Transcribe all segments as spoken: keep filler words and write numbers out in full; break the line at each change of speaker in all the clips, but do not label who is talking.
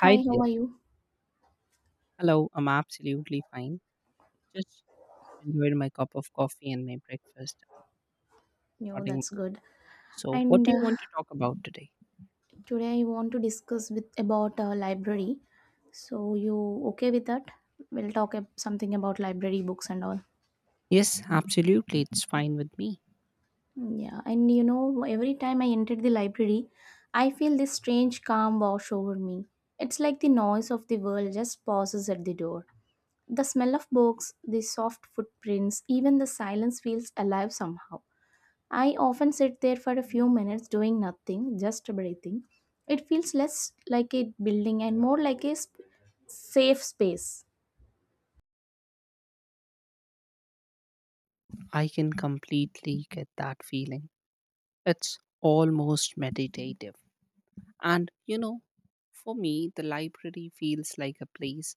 Hi
Hi, how
there.
are you?
Hello, I'm absolutely fine. Just enjoyed my cup of coffee and my breakfast. And
Yo,
Starting.
that's good.
So, what
And
do you
uh,
want to talk about today?
today I want to discuss with about uh, library. So you okay with that? We'll talk ab- something about library books and all.
Yes, absolutely. It's fine with me.
Yeah, and you know, every time I entered the library, I feel this strange calm wash over me. It's like the noise of the world just pauses at the door. The smell of books, the soft footprints, even the silence feels alive somehow. I often sit there for a few minutes doing nothing, just breathing. It feels less like a building and more like a sp- safe space.
I can completely get that feeling. It's almost meditative. And, you know, for me, the library feels like a place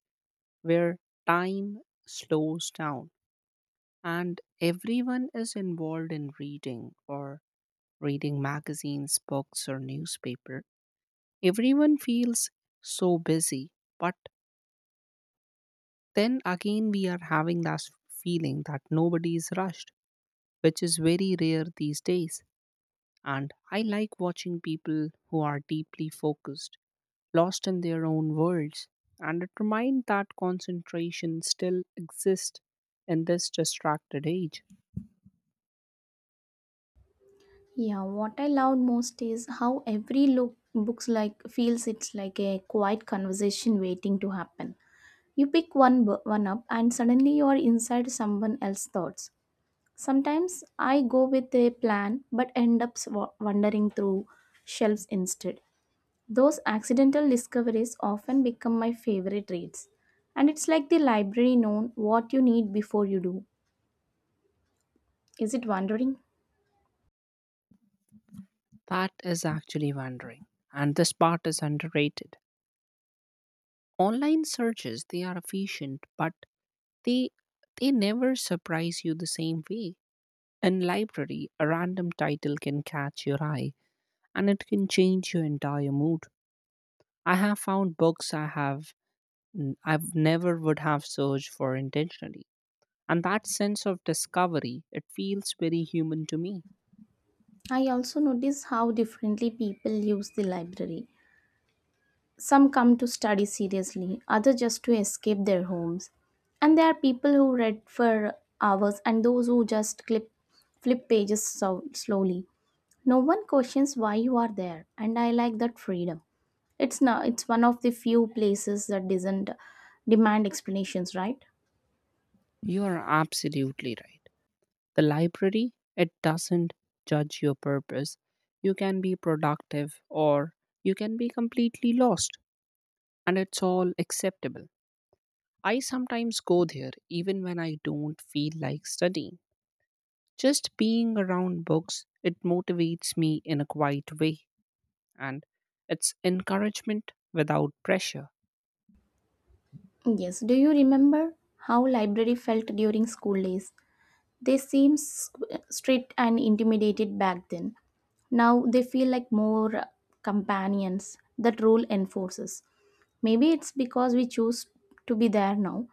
where time slows down and everyone is involved in reading or reading magazines, books, or newspaper. Everyone feels so busy, but then again, we are having that feeling that nobody is rushed, which is very rare these days. And I like watching people who are deeply focused, lost in their own worlds, and it reminds that concentration still exists in this distracted age.
Yeah, what I love most is how every look books like feels it's like a quiet conversation waiting to happen. You pick one bu- one up and suddenly you are inside someone else's thoughts. Sometimes I go with a plan but end up sw- wandering through shelves instead. Those accidental discoveries often become my favorite reads. And it's like the library known what you need before you do. Is it wondering?
That is actually wondering, and this part is underrated. Online searches, they are efficient, but They they never surprise you the same way. In library, a random title can catch your eye and it can change your entire mood. I have found books I have n- I've never would have searched for intentionally. And that sense of discovery, it feels very human to me.
I also notice how differently people use the library. Some come to study seriously, others just to escape their homes. And there are people who read for hours and those who just clip, flip pages so slowly. No one questions why you are there, and I like that freedom. It's now it's one of the few places that doesn't demand explanations, right?
You are absolutely right. The library, it doesn't judge your purpose. You can be productive or you can be completely lost, and it's all acceptable. I sometimes go there even when I don't feel like studying. Just being around books, it motivates me in a quiet way. And it's encouragement without pressure.
Yes. Do you remember how library felt during school days? They seemed s- strict and intimidated back then. Now they feel like more companions that rule enforces. Maybe it's because we choose to be there now.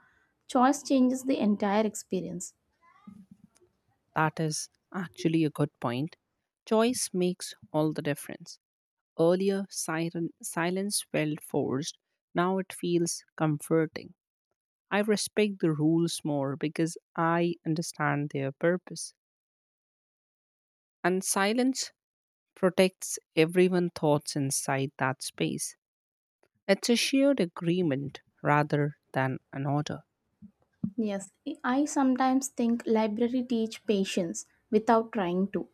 Choice changes the entire experience.
That is actually a good point. Choice makes all the difference. Earlier, siren, silence felt forced. Now it feels comforting. I respect the rules more because I understand their purpose. And silence protects everyone's thoughts inside that space. It's a shared agreement rather than an order.
Yes, I sometimes think library teach patience without trying to.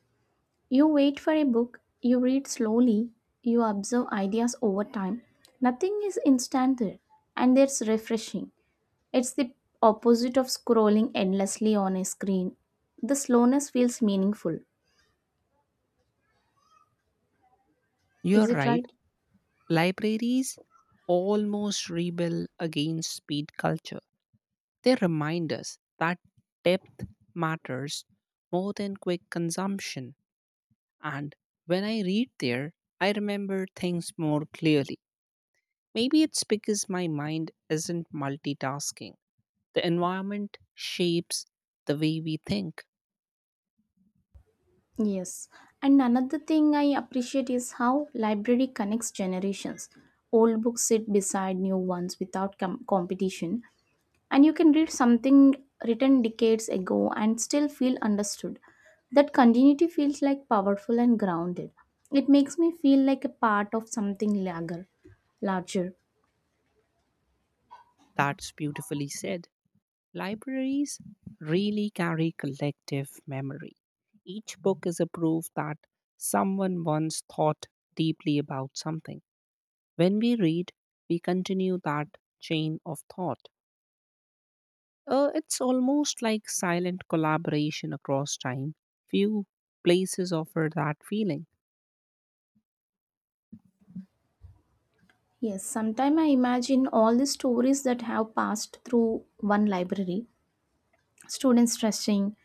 You wait for a book, you read slowly, you observe ideas over time. Nothing is instant there, and it's refreshing. It's the opposite of scrolling endlessly on a screen. The slowness feels meaningful.
You're
Is it
right,
right?
libraries almost rebel against speed culture. They remind us that depth matters more than quick consumption. And when I read there, I remember things more clearly. Maybe it's because my mind isn't multitasking. The environment shapes the way we think.
Yes. And another thing I appreciate is how library connects generations. Old books sit beside new ones without com- competition. And you can read something written decades ago and still feel understood. That continuity feels like powerful and grounded. It makes me feel like a part of something larger. Larger.
That's beautifully said. Libraries really carry collective memory. Each book is a proof that someone once thought deeply about something. When we read, we continue that chain of thought. Uh, it's almost like silent collaboration across time. Few places offer that feeling.
Yes, sometimes I imagine all the stories that have passed through one library, students stressing,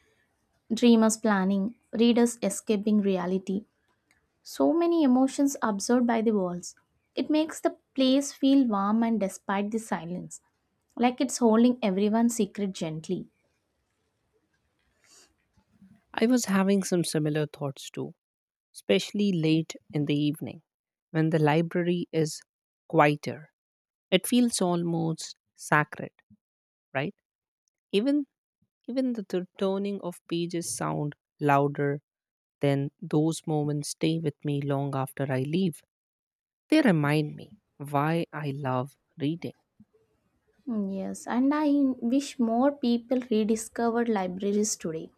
dreamers planning, readers escaping reality. So many emotions absorbed by the walls. It makes the place feel warm and despite the silence, like it's holding everyone's secret gently.
I was having some similar thoughts too, especially late in the evening, when the library is quieter. It feels almost sacred, right? Even even the tur- turning of pages sound louder than those moments stay with me long after I leave. They remind me why I love reading.
Mm, yes, and I wish more people rediscovered libraries today.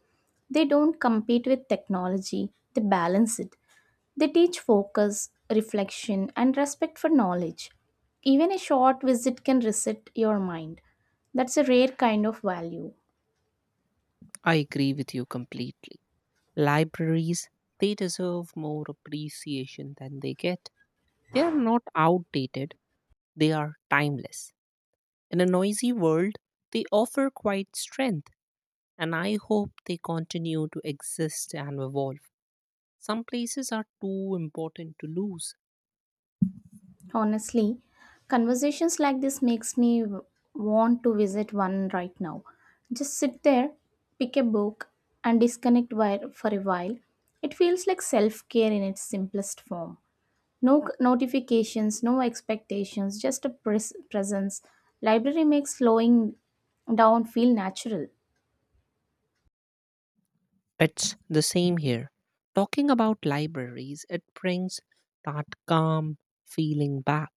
They don't compete with technology, they balance it. They teach focus, reflection, and respect for knowledge. Even a short visit can reset your mind. That's a rare kind of value.
I agree with you completely. Libraries, they deserve more appreciation than they get. They are not outdated, they are timeless. In a noisy world, they offer quite strength, and I hope they continue to exist and evolve. Some places are too important to lose.
Honestly, conversations like this makes me w- want to visit one right now. Just sit there, pick a book and disconnect wi- for a while. It feels like self-care in its simplest form. No c- notifications, no expectations, just a pres- presence. Library makes slowing down feel natural.
It's the same here. Talking about libraries, it brings that calm feeling back.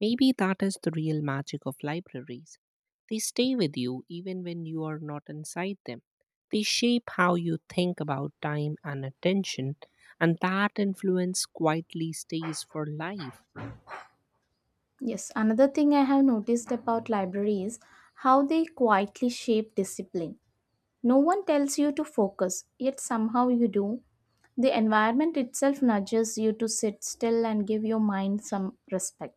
Maybe that is the real magic of libraries. They stay with you even when you are not inside them. They shape how you think about time and attention, and that influence quietly stays for life.
Yes, another thing I have noticed about libraries how they quietly shape discipline. No one tells you to focus, yet somehow you do. The environment itself nudges you to sit still and give your mind some respect.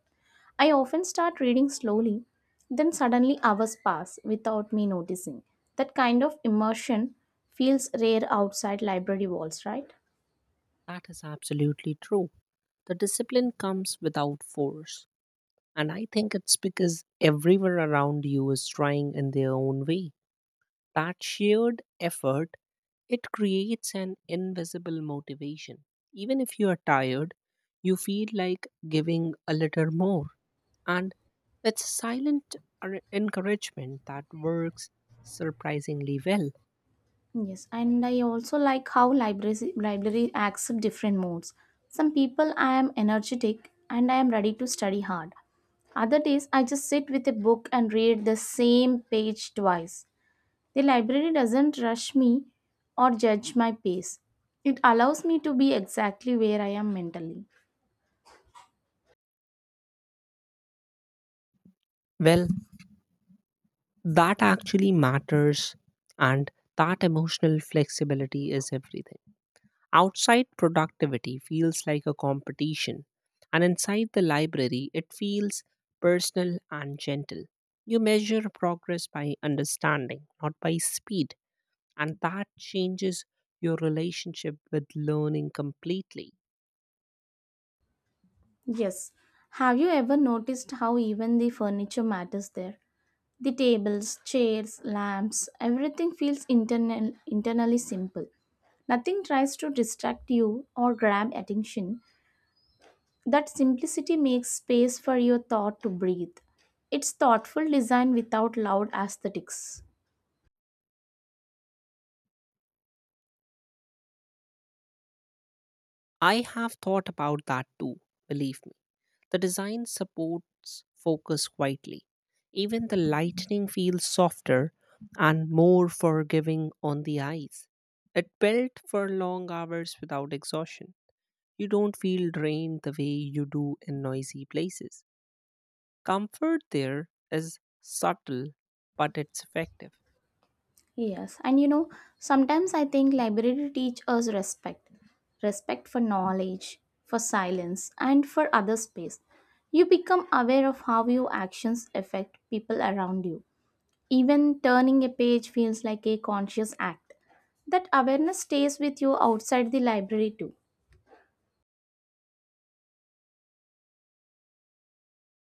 I often start reading slowly, then suddenly hours pass without me noticing. That kind of immersion feels rare outside library walls, right?
That is absolutely true. The discipline comes without force, and I think it's because everyone around you is trying in their own way. That shared effort it creates an invisible motivation. Even if you are tired, you feel like giving a little more. And it's a silent ar- encouragement that works surprisingly well.
Yes, and I also like how libraries library acts in different modes. Some people I am energetic and I am ready to study hard. Other days I just sit with a book and read the same page twice. The library doesn't rush me or judge my pace. It allows me to be exactly where I am mentally.
Well, that actually matters, and that emotional flexibility is everything. Outside productivity feels like a competition, and inside the library, it feels personal and gentle. You measure progress by understanding, not by speed, and that changes your relationship with learning completely.
Yes. Have you ever noticed how even the furniture matters there? The tables, chairs, lamps, everything feels internal, internally simple. Nothing tries to distract you or grab attention. That simplicity makes space for your thought to breathe. It's thoughtful design without loud aesthetics.
I have thought about that too, believe me. The design supports focus quietly. Even the lightning feels softer and more forgiving on the eyes. It built for long hours without exhaustion. You don't feel drained the way you do in noisy places. Comfort there is subtle, but it's effective.
Yes, and you know, sometimes I think library teach us respect. Respect for knowledge, for silence, and for other space. You become aware of how your actions affect people around you. Even turning a page feels like a conscious act. That awareness stays with you outside the library too.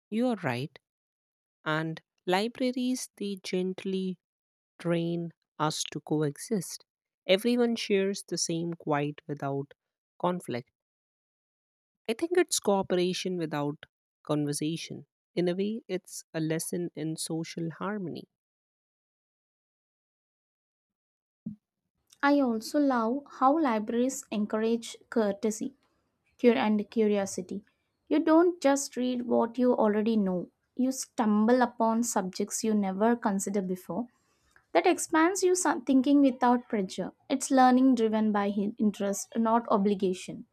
You're right. And libraries, they gently train us to coexist. Everyone shares the same quiet without conflict. I think it's cooperation without conversation. In a way, it's a lesson in social harmony.
I also love how libraries encourage courtesy cur- and curiosity. You don't just read what you already know, you stumble upon subjects you never considered before. That expands your some- thinking without pressure. It's learning driven by hin- interest, not obligation,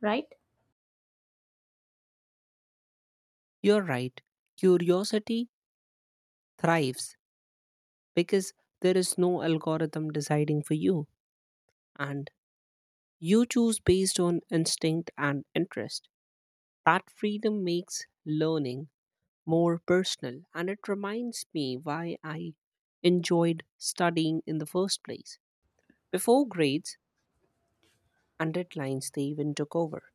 right?
You're right. Curiosity thrives because there is no algorithm deciding for you, and you choose based on instinct and interest. That freedom makes learning more personal, and it reminds me why I enjoyed studying in the first place. Before grades and deadlines, they even took over.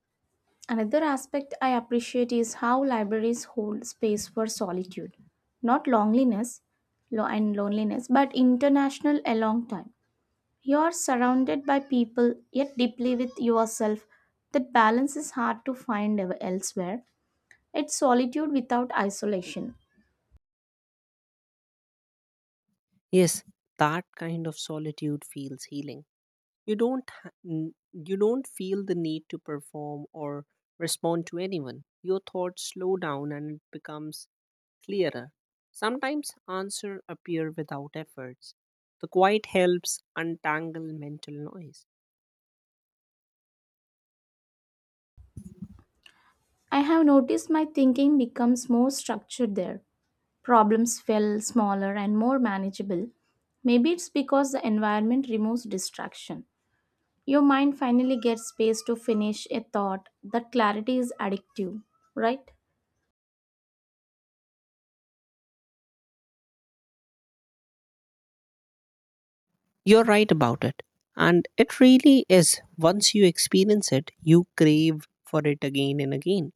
Another aspect I appreciate is how libraries hold space for solitude, not loneliness lo- and loneliness, but international along time. You are surrounded by people, yet deeply with yourself. That balance is hard to find ev- elsewhere. It's solitude without isolation.
Yes, that kind of solitude feels healing. You don't ha- n- you don't feel the need to perform or respond to anyone. Your thoughts slow down and it becomes clearer. Sometimes answers appear without efforts. The quiet helps untangle mental noise.
I have noticed my thinking becomes more structured there. Problems feel smaller and more manageable. Maybe it's because the environment removes distraction. Your mind finally gets space to finish a thought. That clarity is addictive, right?
You're right about it. And it really is. Once you experience it, you crave for it again and again.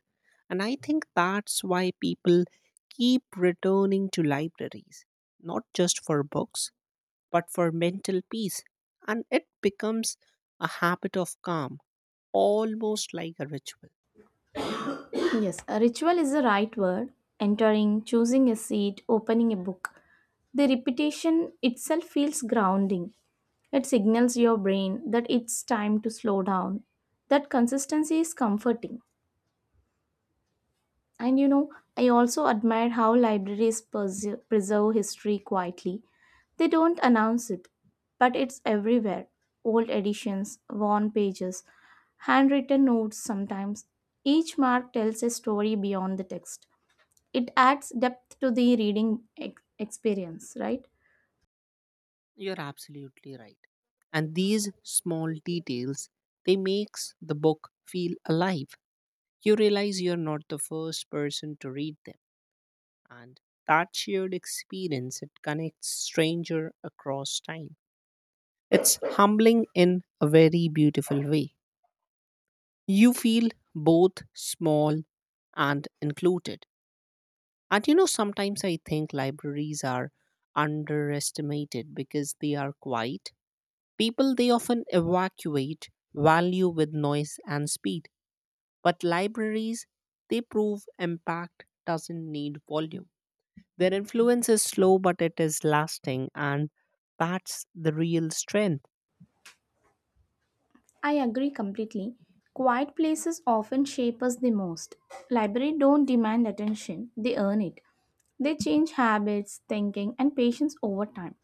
And I think that's why people keep returning to libraries, not just for books, but for mental peace. And it becomes a habit of calm, almost like a ritual.
Yes, a ritual is the right word. Entering, choosing a seat, opening a book. The repetition itself feels grounding. It signals your brain that it's time to slow down. That consistency is comforting. And you know, I also admire how libraries perse- preserve history quietly. They don't announce it, but it's everywhere. Old editions, worn pages, handwritten notes sometimes. Each mark tells a story beyond the text. It adds depth to the reading ex- experience, right?
You're absolutely right. And these small details, they makes the book feel alive. You realize you're not the first person to read them and that shared experience it connects stranger across time. It's humbling in a very beautiful way. You feel both small and included. And you know, sometimes I think libraries are underestimated because they are quiet. People they often evacuate value with noise and speed, but libraries they prove impact doesn't need volume. Their influence is slow, but it is lasting, and that's the real strength.
I agree completely. Quiet places often shape us the most. Library don't demand attention, they earn it. They change habits, thinking, and patience over time.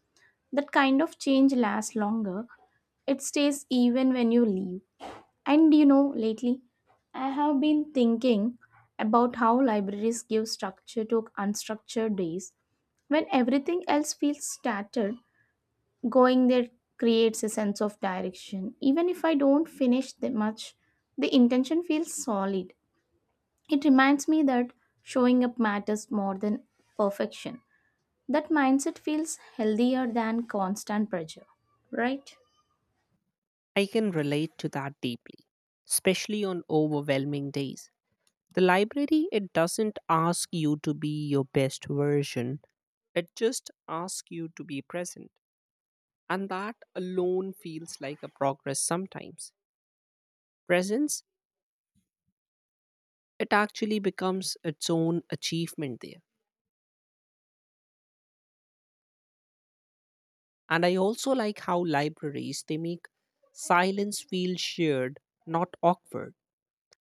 That kind of change lasts longer. It stays even when you leave. And you know, lately, I have been thinking about how libraries give structure to unstructured days. When everything else feels scattered, going there creates a sense of direction. Even if I don't finish that much, the intention feels solid. It reminds me that showing up matters more than perfection. That mindset feels healthier than constant pressure, right?
I can relate to that deeply, especially on overwhelming days. The library, it doesn't ask you to be your best version, it just asks you to be present. And that alone feels like a progress sometimes. Presence, it actually becomes its own achievement there. And I also like how libraries they make silence feel shared, not awkward.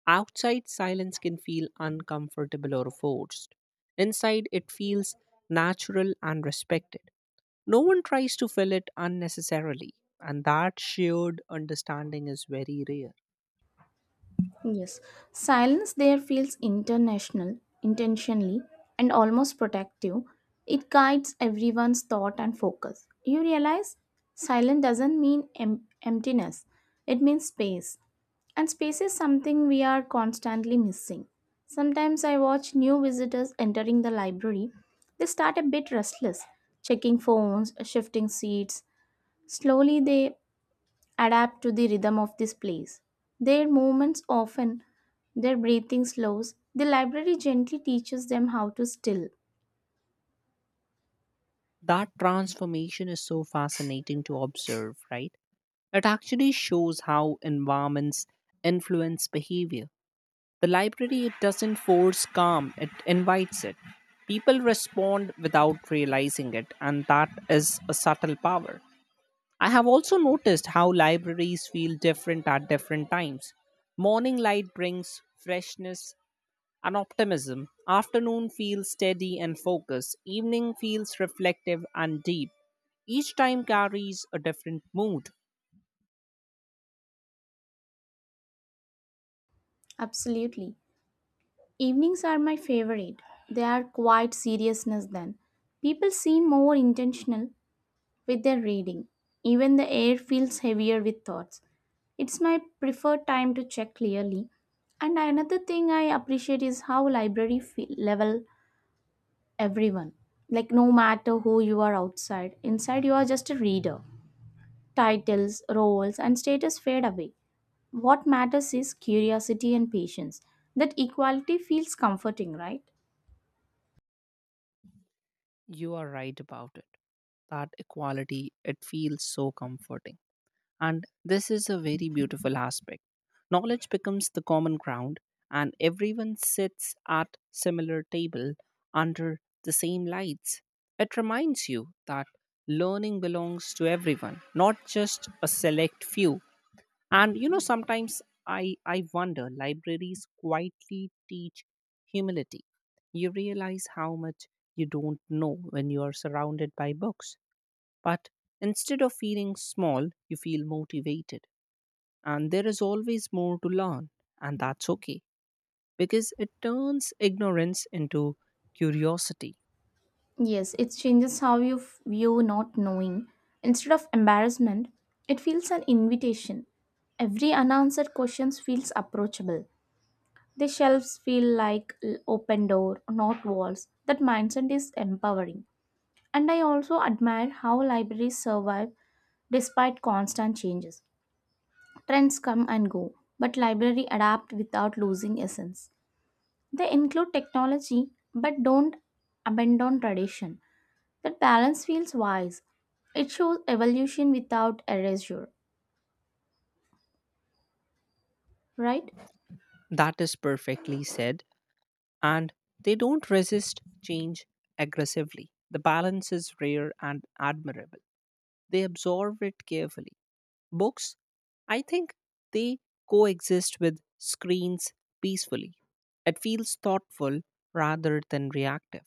Outside silence can feel uncomfortable or forced. Inside it feels natural and respected. No one tries to fill it unnecessarily, and that shared understanding is very rare.
Yes. Silence there feels international, intentionally, and almost protective. It guides everyone's thought and focus. You realize silence doesn't mean em- emptiness, it means space. And space is something we are constantly missing. Sometimes I watch new visitors entering the library. They start a bit restless, checking phones, shifting seats. Slowly they adapt to the rhythm of this place. Their movements often, their breathing slows. The library gently teaches them how to still.
That transformation is so fascinating to observe, right? It actually shows how environments influence behavior. The library it doesn't force calm, it invites it. People respond without realizing it, and that is a subtle power. I have also noticed how libraries feel different at different times. Morning light brings freshness and optimism. Afternoon feels steady and focused. Evening feels reflective and deep. Each time carries a different mood.
Absolutely. Evenings are my favorite. They are quite seriousness then. People seem more intentional with their reading. Even the air feels heavier with thoughts. It's my preferred time to check clearly. And another thing I appreciate is how library feel, level everyone. Like no matter who you are outside, inside you are just a reader. Titles, roles, and status fade away. What matters is curiosity and patience. That equality feels comforting, right?
You are right about it. That equality, it feels so comforting. And this is a very beautiful aspect. Knowledge becomes the common ground, and everyone sits at similar table under the same lights. It reminds you that learning belongs to everyone, not just a select few. And you know, sometimes I, I wonder libraries quietly teach humility. You realize how much you don't know when you are surrounded by books, but instead of feeling small, you feel motivated and there is always more to learn, and that's okay because it turns ignorance into curiosity.
Yes, it changes how you f- view not knowing. Instead of embarrassment, it feels an invitation. Every unanswered question feels approachable. The shelves feel like l- open door, not walls. That mindset is empowering. And I also admire how libraries survive despite constant changes. Trends come and go, but library adapt without losing essence. They include technology but don't abandon tradition. That balance feels wise. It shows evolution without erasure, right?
That is perfectly said, and they don't resist change aggressively. The balance is rare and admirable. They absorb it carefully. Books, I think they coexist with screens peacefully. It feels thoughtful rather than reactive.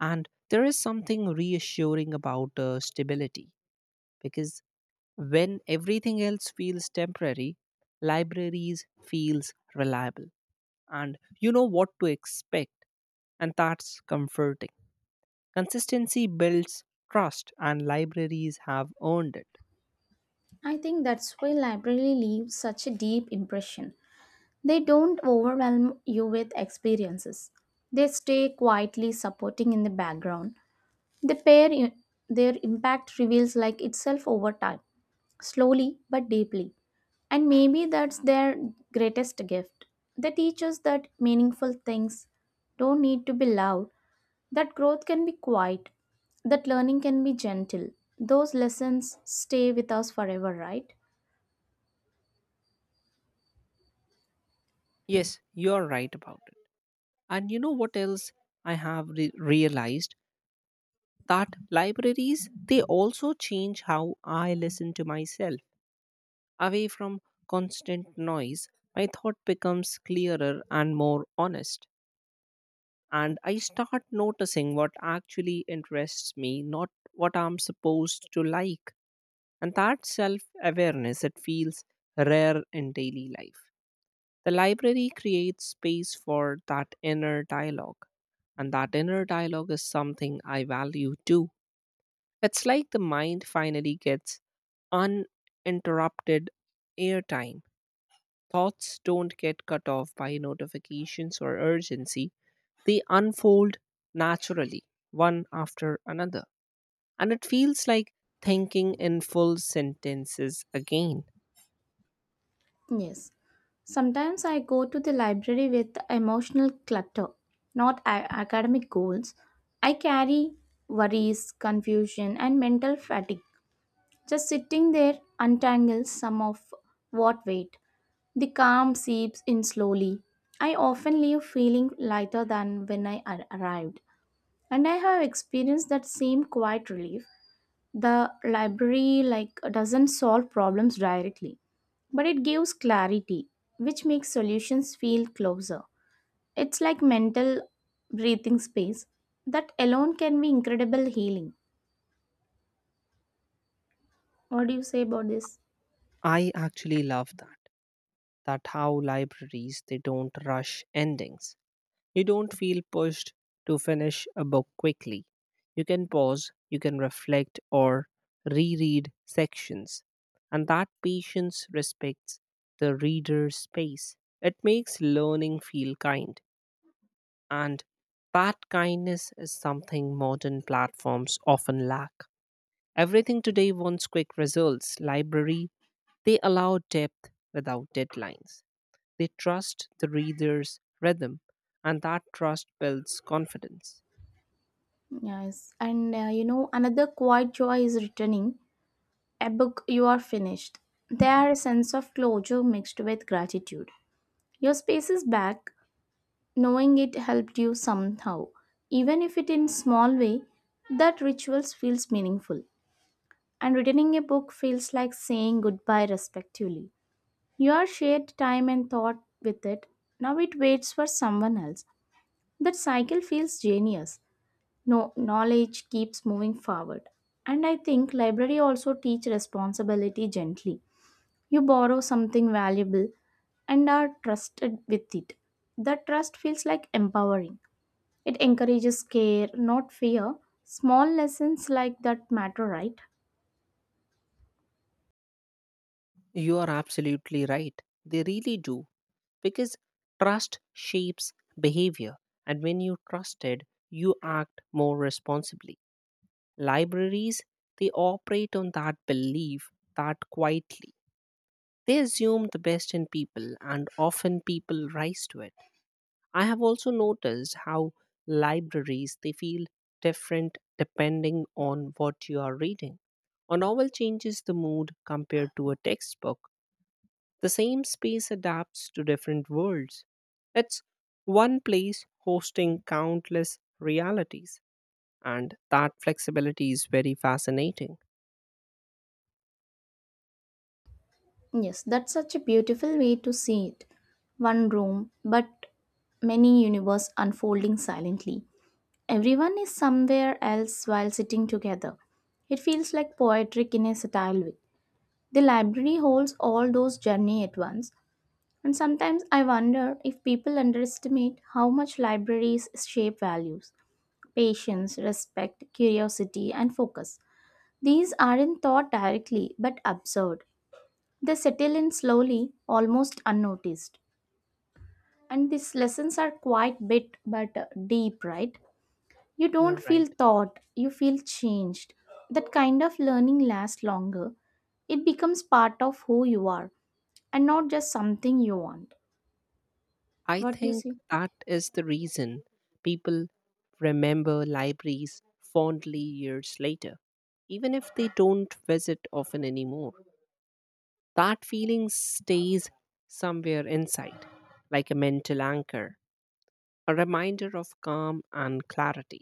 And there is something reassuring about uh, stability because when everything else feels temporary, libraries feels reliable and you know what to expect and that's comforting. Consistency builds trust and libraries have earned it.
I think that's why library leaves such a deep impression. They don't overwhelm you with experiences. They stay quietly supporting in the background. The pair their impact reveals like itself over time, slowly but deeply. And maybe that's their greatest gift. They teach us that meaningful things don't need to be loud. That growth can be quiet, that learning can be gentle. Those lessons stay with us forever, right?
Yes, you're right about it. And you know what else I have re- realized? That libraries, they also change how I listen to myself. Away from constant noise, my thought becomes clearer and more honest. And I start noticing what actually interests me, not what I'm supposed to like. And that self awareness it feels rare in daily life. The library creates space for that inner dialogue, and that inner dialogue is something I value too. It's like the mind finally gets uninterrupted airtime. Thoughts don't get cut off by notifications or urgency, they unfold naturally one after another, and it feels like thinking in full sentences again.
Yes. Sometimes I go to the library with emotional clutter, not a- academic goals. I carry worries, confusion, and mental fatigue. Just sitting there untangles some of what weight. The calm seeps in slowly. I often leave feeling lighter than when I ar- arrived. And I have experienced that same quiet relief. The library like doesn't solve problems directly but it gives clarity which makes solutions feel closer. It's like mental breathing space. That alone can be incredible healing. What do you say about this?
I actually love that. That how libraries they don't rush endings. You don't feel pushed to finish a book quickly. You can pause, you can reflect, or reread sections. And that patience respects the reader's space. It makes learning feel kind. And that kindness is something modern platforms often lack. Everything today wants quick results. Library, they allow depth without deadlines. They trust the reader's rhythm, and that trust builds confidence.
Yes, and uh, you know, another quiet joy is returning a book you are finished. There are a sense of closure mixed with gratitude. Your space is back, knowing it helped you somehow, even if it in small way. That rituals feels meaningful. And returning a book feels like saying goodbye respectively. You are shared time and thought with it, now it waits for someone else. That cycle feels genius. No, knowledge keeps moving forward. And I think library also teach responsibility gently. You borrow something valuable and are trusted with it. That trust feels like empowering. It encourages care, not fear. Small lessons like that matter, right?
You are absolutely right. They really do, because trust shapes behavior, and when you trusted, you act more responsibly. Libraries, they operate on that belief that quietly. They assume the best in people, and often people rise to it. I have also noticed how libraries they feel different depending on what you are reading. A novel changes the mood compared to a textbook. The same space adapts to different worlds. It's one place hosting countless realities, and that flexibility is very fascinating.
Yes, that's such a beautiful way to see it. One room, but many universe unfolding silently. Everyone is somewhere else while sitting together. It feels like poetic in a satire way. The library holds all those journey at once, and sometimes I wonder if people underestimate how much libraries shape values, patience, respect, curiosity, and focus. These aren't taught directly but observed. They settle in slowly, almost unnoticed. And these lessons are quite bit but uh, deep, right? You
You're
don't feel
right.
taught, you feel changed. That kind of learning lasts longer. It becomes part of who you are and not just something you want.
I
What you
think
see?
that is the reason people remember libraries fondly years later, even if they don't visit often anymore. That feeling stays somewhere inside, like a mental anchor, a reminder of calm and clarity,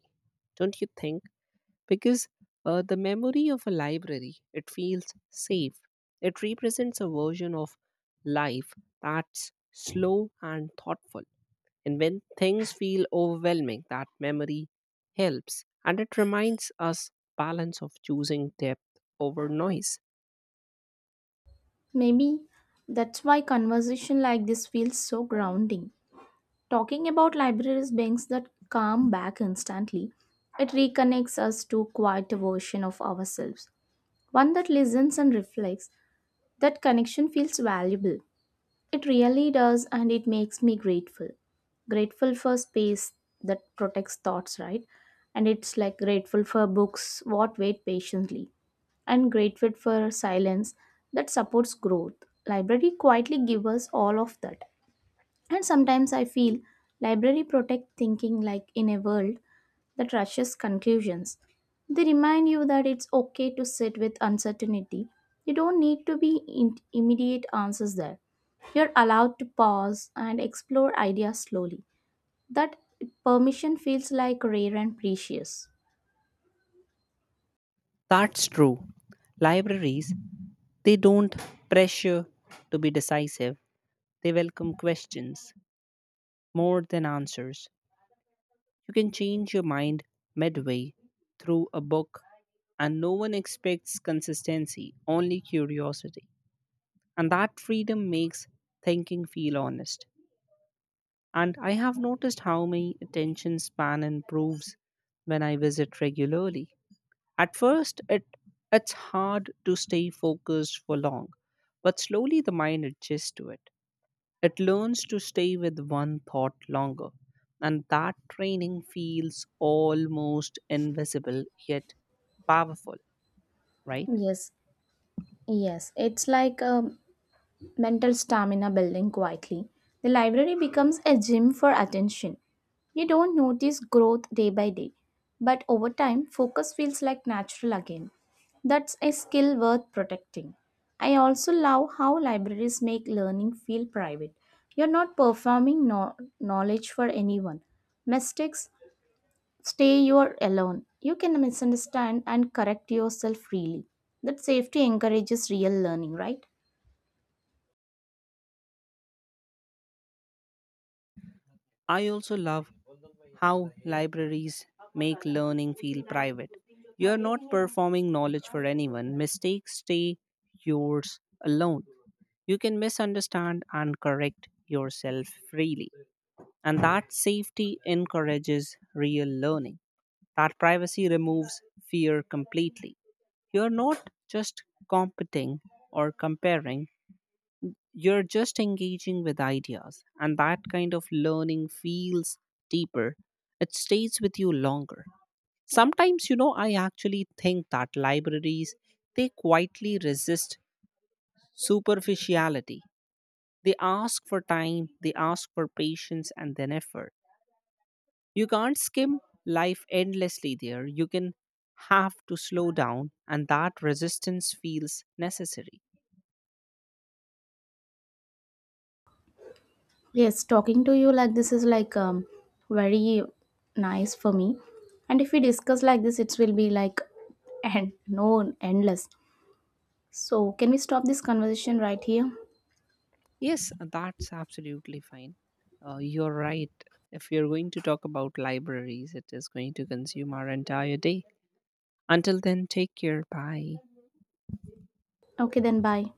don't you think? Because uh, the memory of a library, it feels safe. It represents a version of life that's slow and thoughtful and when things feel overwhelming, that memory helps and it reminds us balance of choosing depth over noise.
Maybe that's why conversation like this feels so grounding. Talking about libraries brings that calm back instantly. It reconnects us to quite a version of ourselves, one that listens and reflects. That connection feels valuable. It really does, and it makes me grateful. Grateful for space that protects thoughts, right? And it's like grateful for books what wait patiently, and grateful for silence that supports growth. Library quietly give us all of that. And sometimes I feel library protect thinking like in a world that rushes conclusions. They remind you that it's okay to sit with uncertainty. You don't need to be in- immediate answers there. You're allowed to pause and explore ideas slowly. That permission feels like rare and precious.
That's true. Libraries, they don't pressure to be decisive. They welcome questions more than answers. You can change your mind midway through a book and no one expects consistency, only curiosity. And that freedom makes thinking feel honest. And I have noticed how my attention span improves when I visit regularly. At first, it it's hard to stay focused for long, but slowly the mind adjusts to it. It learns to stay with one thought longer, and that training feels almost invisible yet powerful, right?
Yes, yes. It's like um, mental stamina building quietly. The library becomes a gym for attention. You don't notice growth day by day, but over time, focus feels like natural again. That's a skill worth protecting. I also love how libraries make learning feel private. You're not performing no- knowledge for anyone. Mistakes stay your alone. You can misunderstand and correct yourself freely. That safety encourages real learning, right?
I also love how libraries make learning feel private. You're not performing knowledge for anyone. Mistakes stay yours alone. You can misunderstand and correct yourself freely. And that safety encourages real learning. That privacy removes fear completely. You're not just competing or comparing, you're just engaging with ideas. And that kind of learning feels deeper, it stays with you longer. Sometimes, you know, I actually think that libraries they quietly resist superficiality. They ask for time, they ask for patience and then effort. You can't skim life endlessly there. You can have to slow down and that resistance feels necessary.
Yes, talking to you like this is like um, very nice for me. And if we discuss like this, it will be like and no endless. So can we stop this conversation right here?
Yes, that's absolutely fine. Uh, you're right. If we are going to talk about libraries, it is going to consume our entire day. Until then, take care. Bye.
Okay, then bye.